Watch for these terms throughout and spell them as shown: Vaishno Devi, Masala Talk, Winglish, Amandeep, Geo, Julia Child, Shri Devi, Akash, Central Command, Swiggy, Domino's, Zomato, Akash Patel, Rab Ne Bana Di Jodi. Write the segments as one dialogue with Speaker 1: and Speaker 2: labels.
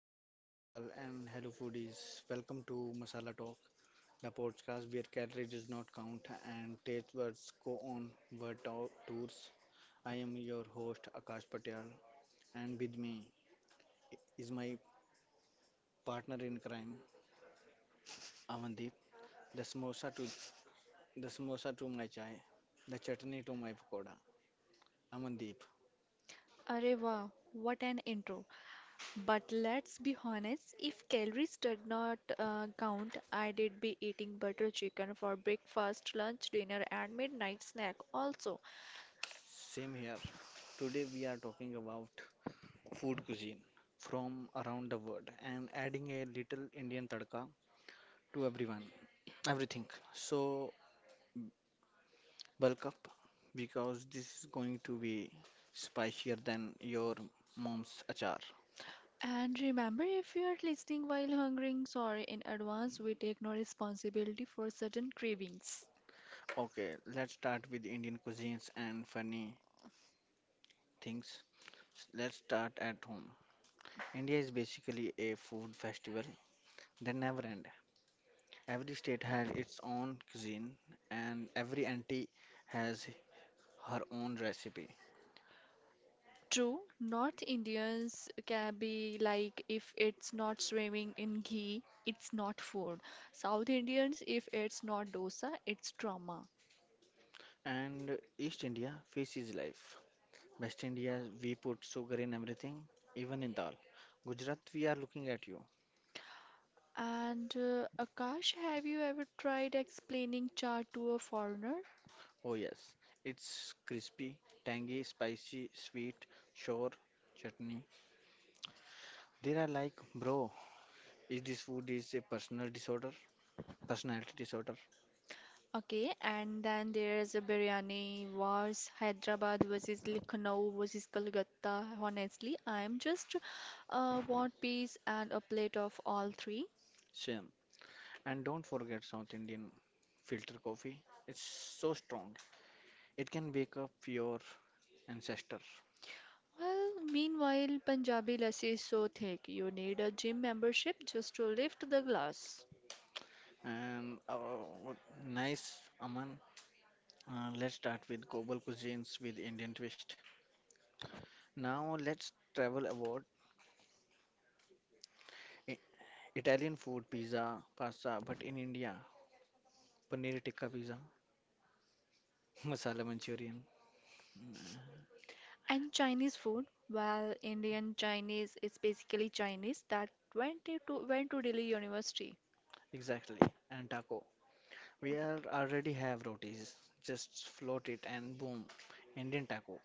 Speaker 1: Sat Sri Akal, and hello foodies. Welcome to Masala Talk, the podcast where calories does not count and taste words go on tours. I am your host Akash Patel, and with me is my partner in crime, Amandeep. The samosa to the samosa to my chai, the chutney to my pakoda. Amandeep,
Speaker 2: Arey wow, what an intro. But let's be honest, if calories did not count, I did be eating butter chicken for breakfast, lunch, dinner, and midnight snack also.
Speaker 1: same here. Today we are talking about food cuisine from around the world and adding a little Indian tadka to everything. So bulk up because this is going to be spicier than your mom's achar.
Speaker 2: And remember, if you're listening while hungering, sorry in advance, we take no responsibility for certain cravings.
Speaker 1: Okay, let's start with Indian cuisines and funny things. Let's start at home. India is basically a food festival that never end. Every state has its own cuisine and every auntie has her own recipe.
Speaker 2: True, North Indians can be like if it's not swimming in ghee, it's not food. South Indians, if it's not dosa, it's trauma.
Speaker 1: And East India faces life. West India, we put sugar in everything, even in dal. Gujarat, we are looking at you.
Speaker 2: And Akash, have you ever tried explaining chaat to a foreigner?
Speaker 1: Oh, yes, it's crispy, tangy, spicy, sweet, sour, chutney. They are like, bro, is this food is a personality disorder?
Speaker 2: Okay, and then there's a biryani wars, Hyderabad versus Lucknow versus Kolkata. Honestly, I'm just want peace and a plate of all three.
Speaker 1: Same. And don't forget South Indian filter coffee. It's so strong. It can wake up your ancestor.
Speaker 2: Well, meanwhile, Punjabi lassi is so thick, you need a gym membership just to lift the glass.
Speaker 1: And what- nice, Aman. Let's start with global cuisines with Indian twist. Now let's travel about I- Italian food, pizza, pasta, but in India, paneer tikka pizza, masala Manchurian, mm,
Speaker 2: And Chinese food, well, Indian Chinese is basically Chinese that went to Delhi University.
Speaker 1: exactly, and taco. We are already have rotis, just float it and boom, Indian taco,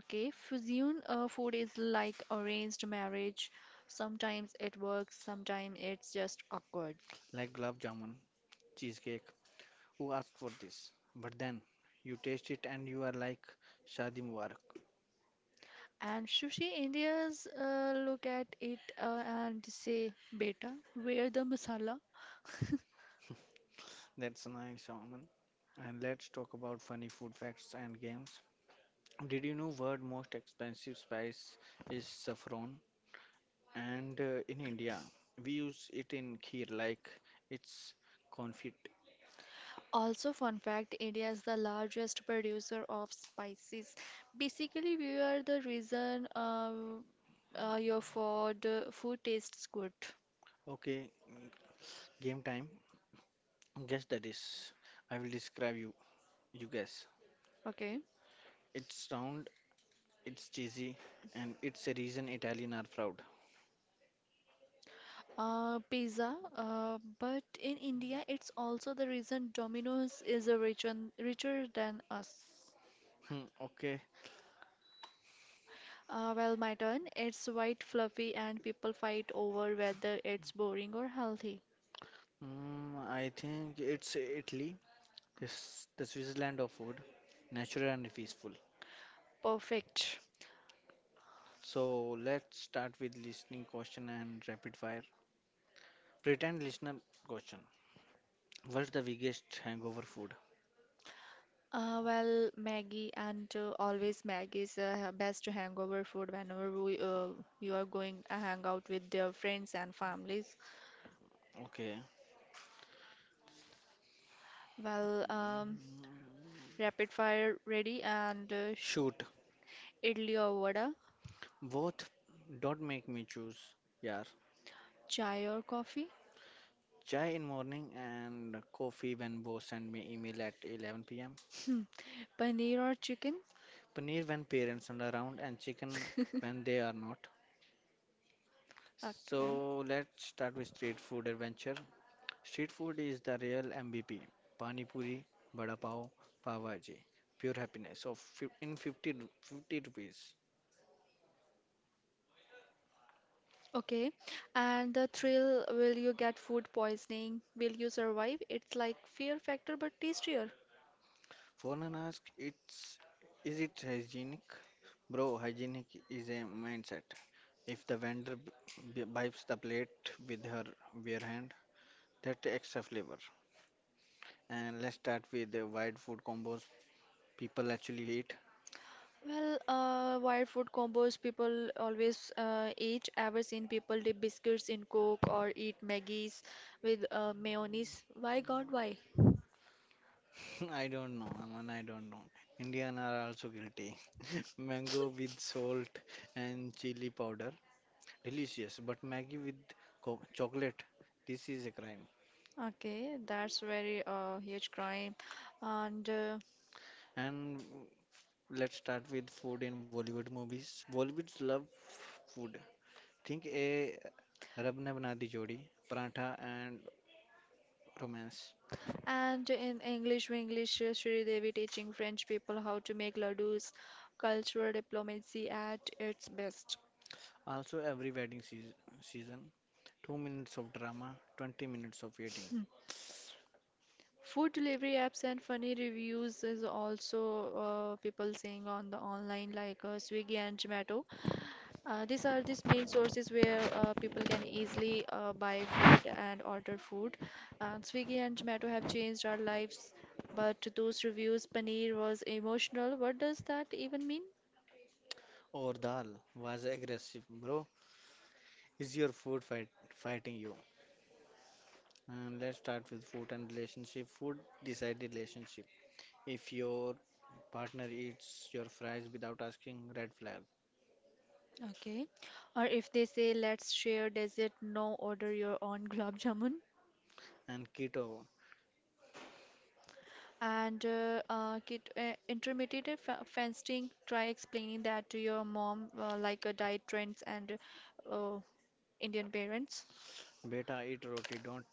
Speaker 2: Okay, fusion food is like arranged marriage. Sometimes it works, sometimes it's just awkward.
Speaker 1: like gulab jamun, cheesecake. Who asked for this? But then you taste it and you are like Shadi Mubarak.
Speaker 2: And sushi Indians look at it and say, Beta, where the masala?
Speaker 1: That's nice, Aman. And let's talk about funny food facts and games. Did you know world most expensive spice is saffron? And in India, we use it in kheer like it's confit.
Speaker 2: Also, fun fact, India is the largest producer of spices. Basically, we are the reason your food tastes good.
Speaker 1: Okay, game time. Guess the dish. I will describe you. You guess.
Speaker 2: Okay.
Speaker 1: It's round, it's cheesy, and it's a reason Italian are proud.
Speaker 2: Pizza, but in India, it's also the reason Domino's is a region richer than us.
Speaker 1: Hmm, okay.
Speaker 2: Well, my turn. It's white, fluffy, and people fight over whether it's boring or healthy.
Speaker 1: Mm, I think it's Italy. This the Switzerland of food, natural and peaceful.
Speaker 2: Perfect.
Speaker 1: So let's start with listening question and rapid fire. Pretend listener question. What's the biggest hangover food?
Speaker 2: Well, Maggie and always Maggie is best hangover food whenever you are going a hangout with your friends and families.
Speaker 1: Okay.
Speaker 2: Well, rapid fire ready and
Speaker 1: Shoot.
Speaker 2: idli or vada,
Speaker 1: Both don't make me choose. Yeah.
Speaker 2: chai or coffee.
Speaker 1: Chai in morning and coffee when boss send me email at 11 pm.
Speaker 2: Hmm. Paneer or chicken?
Speaker 1: Paneer when parents are around and chicken when they are not.
Speaker 2: Okay.
Speaker 1: So let's start with street food adventure. Street food is the real MVP. Pani puri, vada pav, pav bhaji. Pure happiness. So fif- in 50, 50 rupees.
Speaker 2: Okay. And the thrill, will you get food poisoning? Will you survive? It's like fear factor but tastier.
Speaker 1: Foreigner ask, "It's is it hygienic, bro? Hygienic is a mindset. If the vendor wipes the plate with her bare hand, that extra flavor. And let's start with the wide food combos people actually eat.
Speaker 2: Well, wild food combos people always eat. Ever seen people dip biscuits in Coke or eat Maggie's with mayonnaise? Why God, why?
Speaker 1: I don't know, Aman. I don't know. Indian are also guilty. Mango with salt and chili powder, delicious. But Maggie with chocolate, this is a crime.
Speaker 2: Okay, that's very huge crime. And uh,
Speaker 1: And let's start with food in Bollywood movies. Bollywoods love food. Think a Rab Ne Bana Di Jodi, Paratha and Romance.
Speaker 2: And in English, we Sri Devi teaching French people how to make ladoos, cultural diplomacy at its best.
Speaker 1: Also every wedding season, 2 minutes of drama, 20 minutes of eating.
Speaker 2: Food delivery apps and funny reviews is also people saying on the online like Swiggy and Zomato. These are these main sources where people can easily buy food and order food. Swiggy and Zomato have changed our lives, but those reviews, paneer was emotional. What does that even mean?
Speaker 1: Or dal was aggressive, bro. Is your food fight fighting you? And let's start with food and relationship. Food decide relationship. If your partner eats your fries without asking, red flag.
Speaker 2: Okay. Or if they say, let's share dessert, no, order your own gulab jamun.
Speaker 1: And keto,
Speaker 2: Intermittent fasting, try explaining that to your mom, like diet trends and uh, Indian parents.
Speaker 1: beta eat roti, don't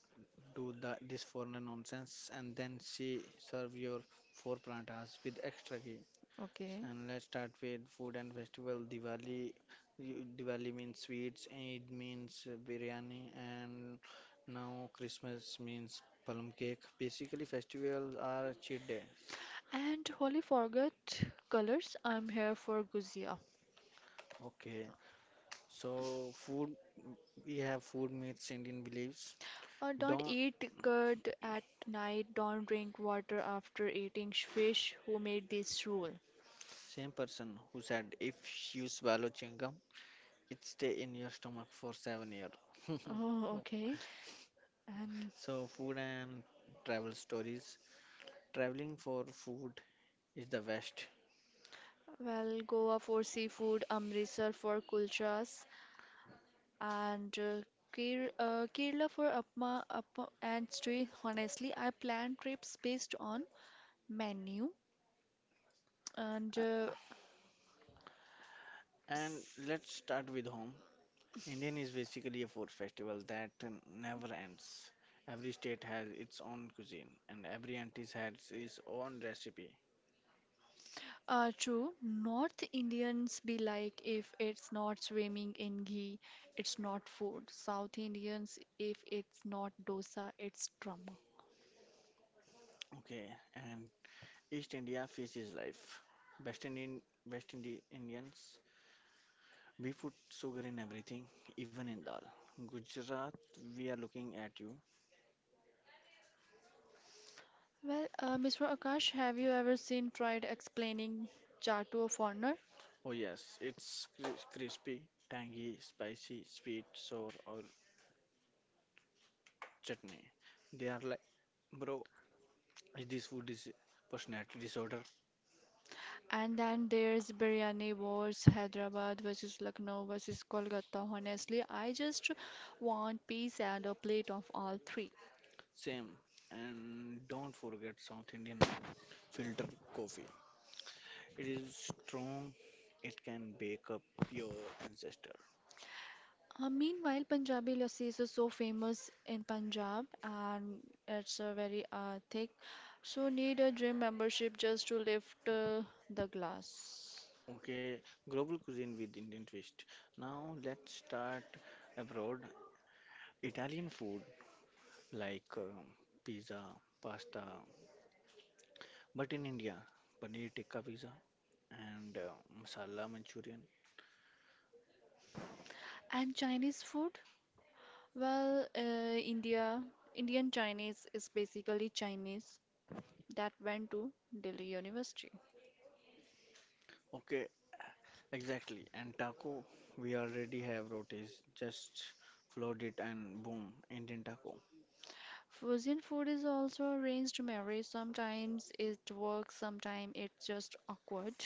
Speaker 1: do the, this foreign nonsense and then she serve your four parathas with extra ghee.
Speaker 2: Okay.
Speaker 1: And let's start with food and festival. Diwali means sweets, Eid means biryani, and now Christmas means plum cake. Basically, festivals are cheat days.
Speaker 2: And holy forget colors, I'm here for guzia.
Speaker 1: Okay, so food we have food myths Indian beliefs.
Speaker 2: Don't
Speaker 1: Don't
Speaker 2: eat curd at night, don't drink water after eating fish. Who made this rule?
Speaker 1: Same person who said if you swallow chewing gum, it stay in your stomach for 7 years.
Speaker 2: Oh, okay. And
Speaker 1: So, food and travel stories. Traveling for food is the best.
Speaker 2: well, Goa for seafood, Amritsar for kulchas, and Kerala for upma and street. Honestly, I plan trips based on menu. And
Speaker 1: A- And let's start with home. Indian is basically a food festival that never ends. Every state has its own cuisine, and every auntie has its own recipe.
Speaker 2: True, North Indians be like if it's not swimming in ghee, it's not food. South Indians, if it's not dosa, it's drama.
Speaker 1: Okay, and East India fish is life. West Indian, West Indi- Indians, we put sugar in everything, even in dal. Gujarat, we are looking at you.
Speaker 2: Well, Mr. Akash, have you ever seen tried explaining chart to a foreigner?
Speaker 1: Oh yes, it's crispy, tangy, spicy, sweet, sour, or chutney. They are like, bro, this food is personality disorder,
Speaker 2: And then there's biryani wars, Hyderabad versus Lucknow versus Kolkata. Honestly, I just want peace and a plate of all three.
Speaker 1: same. And don't forget South Indian filter coffee. It is strong. It can wake up your ancestor.
Speaker 2: Meanwhile, Punjabi lassi is so famous in Punjab and it's very thick. So need a gym membership just to lift the glass.
Speaker 1: Okay, global cuisine with Indian twist. Now let's start abroad. Italian food like pizza, pasta, but in India, paneer tikka pizza, and masala manchurian.
Speaker 2: And Chinese food? Well, Indian Chinese is basically Chinese that went to Delhi University.
Speaker 1: Okay, exactly, and taco. We already have rotis, just flood it and boom, Indian taco,
Speaker 2: Fusion food is also arranged marriage. Sometimes it works, sometimes it's just awkward.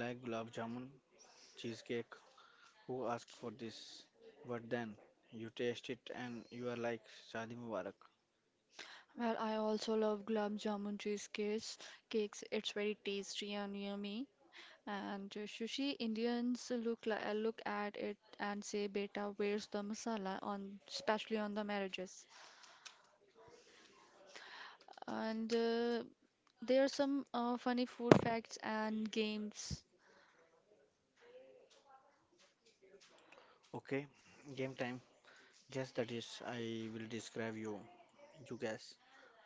Speaker 1: like gulab jamun cheesecake. Who asked for this? But then you taste it and you are like Shadi Mubarak.
Speaker 2: Well, I also love gulab jamun cheesecakes. Cakes, it's very tasty and yummy. And sushi, Indians look at it and say, "Beta, where's the masala?" on especially on the marriages. And there are some funny food facts and games.
Speaker 1: Okay, game time. Guess that is I will describe you. You guess.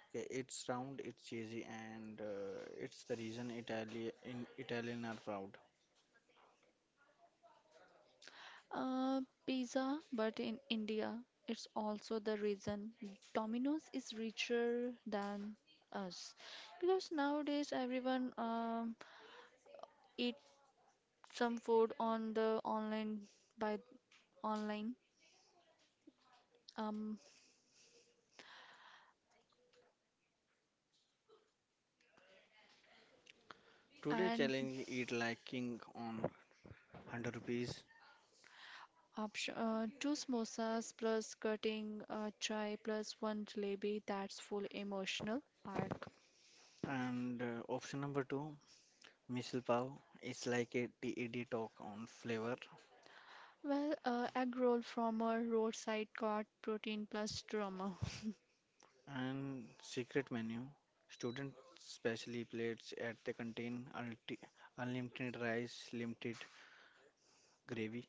Speaker 1: Okay, it's round, it's cheesy, and it's the reason Italy in Italian are proud.
Speaker 2: Pizza, but in India, it's also the reason Domino's is richer than us because nowadays everyone eat some food on the online by online um
Speaker 1: Today
Speaker 2: and
Speaker 1: challenge eat like king on 100 rupees.
Speaker 2: option two samosas plus cutting a chai plus one jalebi, that's full emotional arc.
Speaker 1: And option number two, Missile Pav. It's like a TED talk on flavor
Speaker 2: Well, egg roll from a roadside cart, protein plus drama.
Speaker 1: and secret menu. Student specially plates at the canteen, unlimited rice, limited gravy.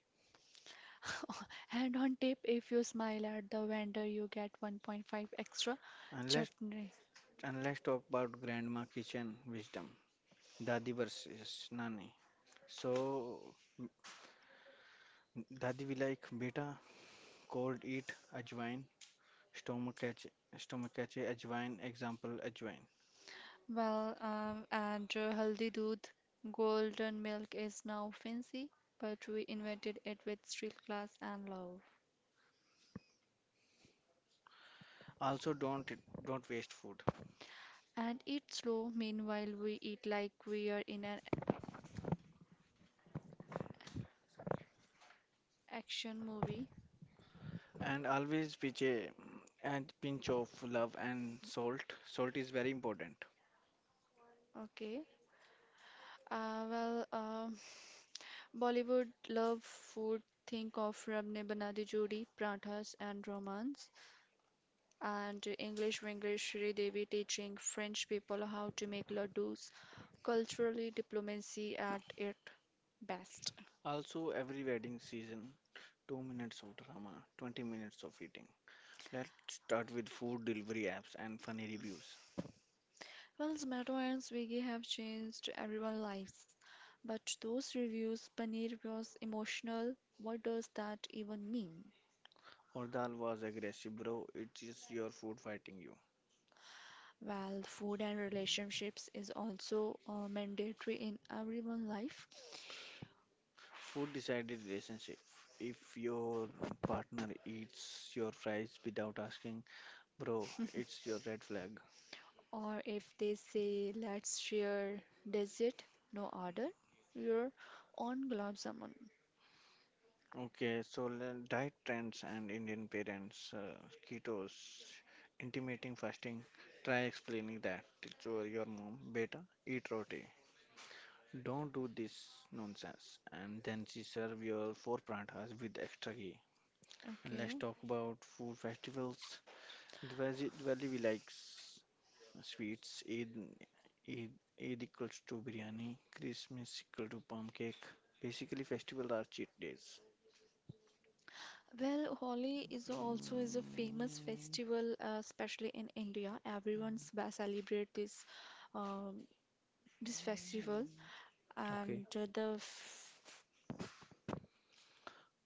Speaker 2: And on tip, if you smile at the vendor, you get 1.5 extra
Speaker 1: And let's,
Speaker 2: chutney.
Speaker 1: and let's talk about grandma kitchen wisdom. Dadi versus Nani. So, m- Dadi will like beta, cold eat, ajwain, stomach catch, stomach catch, ajwain, example, ajwain.
Speaker 2: Well, and haldi doodh, golden milk is now fancy, but we invented it with steel glass and love.
Speaker 1: Also, don't waste food,
Speaker 2: And eat slow, meanwhile, we eat like we are in an action movie.
Speaker 1: and always pinch of love and salt. Salt is very important.
Speaker 2: Okay. Uh, well, um Bollywood love food. Think of Rab Ne Bana Di Jodi, Prathas, and Romance. And English Winglish Shri Devi teaching French people how to make laddus, culturally diplomacy at its best.
Speaker 1: Also, every wedding season, 2 minutes of drama, 20 minutes of eating. Let's start with food delivery apps and funny reviews.
Speaker 2: Well, Zomato and Swiggy have changed everyone's lives, but those reviews, Paneer was emotional. What does that even mean?
Speaker 1: Or dal was aggressive, bro. It is your food fighting you.
Speaker 2: Well, food and relationships is also mandatory in everyone's life.
Speaker 1: Food decided relationship. If your partner eats your fries without asking, bro, it's your red flag.
Speaker 2: Or if they say, let's share dessert, no order, your own gulab jamun.
Speaker 1: Okay, so diet trends and Indian parents, ketos, intermittent fasting. Try explaining that to your mom. Beta, eat roti. Don't do this nonsense. And then she serve your four parathas with extra ghee. And let's
Speaker 2: Okay.
Speaker 1: talk about food festivals. Diwali we like sweets. Eid, Eid equals to biryani. Christmas equal to palm cake. Basically, festivals are cheat days.
Speaker 2: Well, Holi is also is a famous festival, especially in India. Everyone's ba- celebrate this um, this festival,
Speaker 1: Okay.
Speaker 2: and the f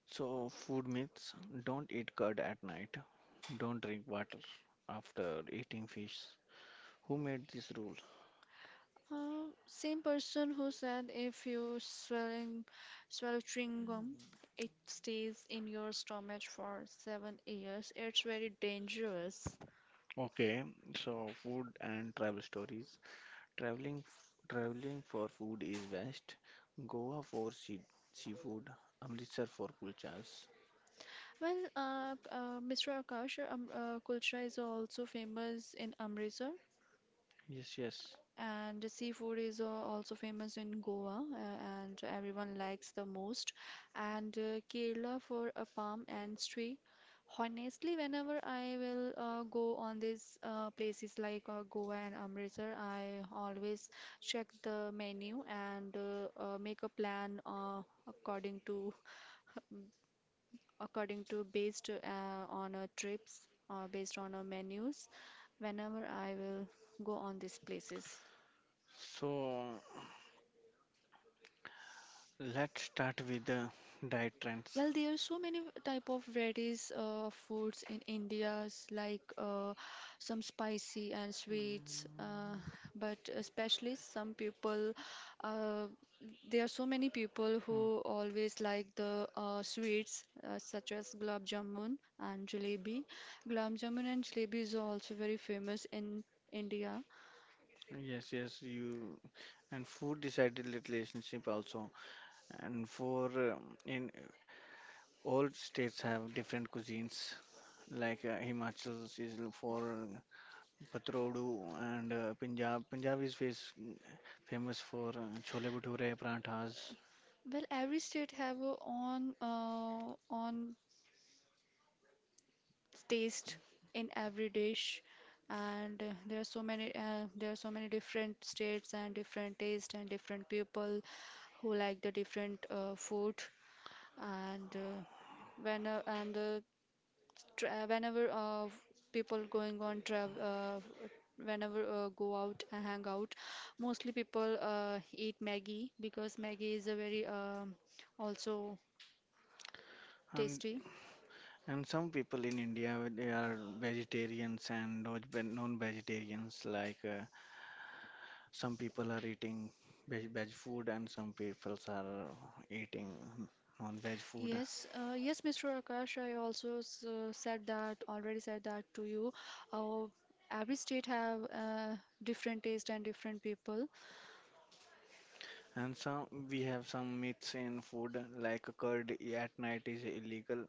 Speaker 1: So, food myths don't eat curd at night, don't drink water after eating fish. Who made this rule?
Speaker 2: same person who said if you swallow chewing gum, it stays in your stomach for 7 years. It's very dangerous.
Speaker 1: Okay, so food and travel stories. Traveling for food is best. Goa for seafood, Amritsar for kulchas.
Speaker 2: Well, Mr. Akash, kulcha is also famous in Amritsar.
Speaker 1: Yes, yes.
Speaker 2: And the seafood is also famous in Goa, and everyone likes the most. And Kerala for a palm and tree. Honestly, whenever I will go on these places like Goa and Amritsar, I always check the menu and make a plan according to according to based on trips or based on menus whenever I will go on these places.
Speaker 1: So, let's start with the diet trends.
Speaker 2: Well, there are so many type of varieties of foods in India's like some spicy and sweets, uh,
Speaker 1: Mm,
Speaker 2: but especially some people, uh, there are so many people
Speaker 1: mm.
Speaker 2: who always like the sweets such as gulab jamun and jalebi. Gulab jamun and jalebi is also very famous in India.
Speaker 1: Yes, yes, you and food decided relationship also. And for in all states have different cuisines like Himachal is for patrodu and Punjab is famous for chole bhature, parathas.
Speaker 2: Well, every state have a own taste in every dish and there are so many different states and different taste and different people who like the different food and when and the tra- whenever people going on travel, whenever go out and hang out, mostly people eat maggie because maggie is a very also
Speaker 1: And
Speaker 2: tasty.
Speaker 1: and some people in India they are vegetarians and non-vegetarians. Like some people are eating veg food and some people are eating non-veg food.
Speaker 2: Yes, yes, Mr. Akash, I also already said that to you. Uh, every state have different taste and different people.
Speaker 1: And some we have some myths in food like curd at night is illegal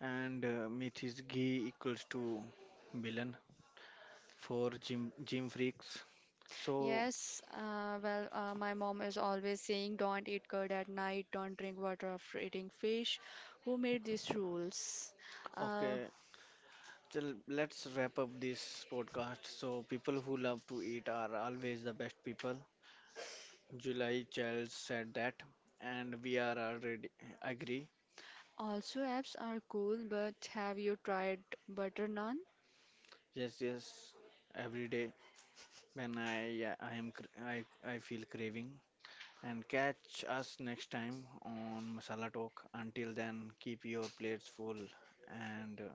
Speaker 1: and myth is ghee equals to villain for gym freaks. So
Speaker 2: Yes, well, my mom is always saying, don't eat curd at night, don't drink water after eating fish. Who made these rules? Uh,
Speaker 1: okay, so let's wrap up this podcast. So people who love to eat are always the best people. July Child said that, and we are already agree.
Speaker 2: also, apps are cool, but have you tried butter naan?
Speaker 1: Yes, yes. Every day when I am I feel craving. And catch us next time on Masala Talk. Until then, keep your plates full and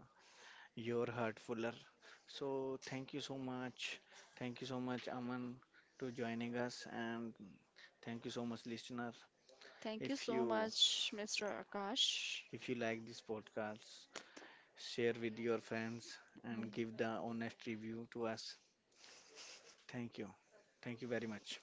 Speaker 1: your heart fuller. So, thank you so much. Thank you so much, Aman, to joining us, and thank you so much, listener.
Speaker 2: Thank you
Speaker 1: If
Speaker 2: so
Speaker 1: you
Speaker 2: much, Mr. Akash.
Speaker 1: if you like this podcast, share with your friends and give the honest review to us. Thank you. Thank you very much.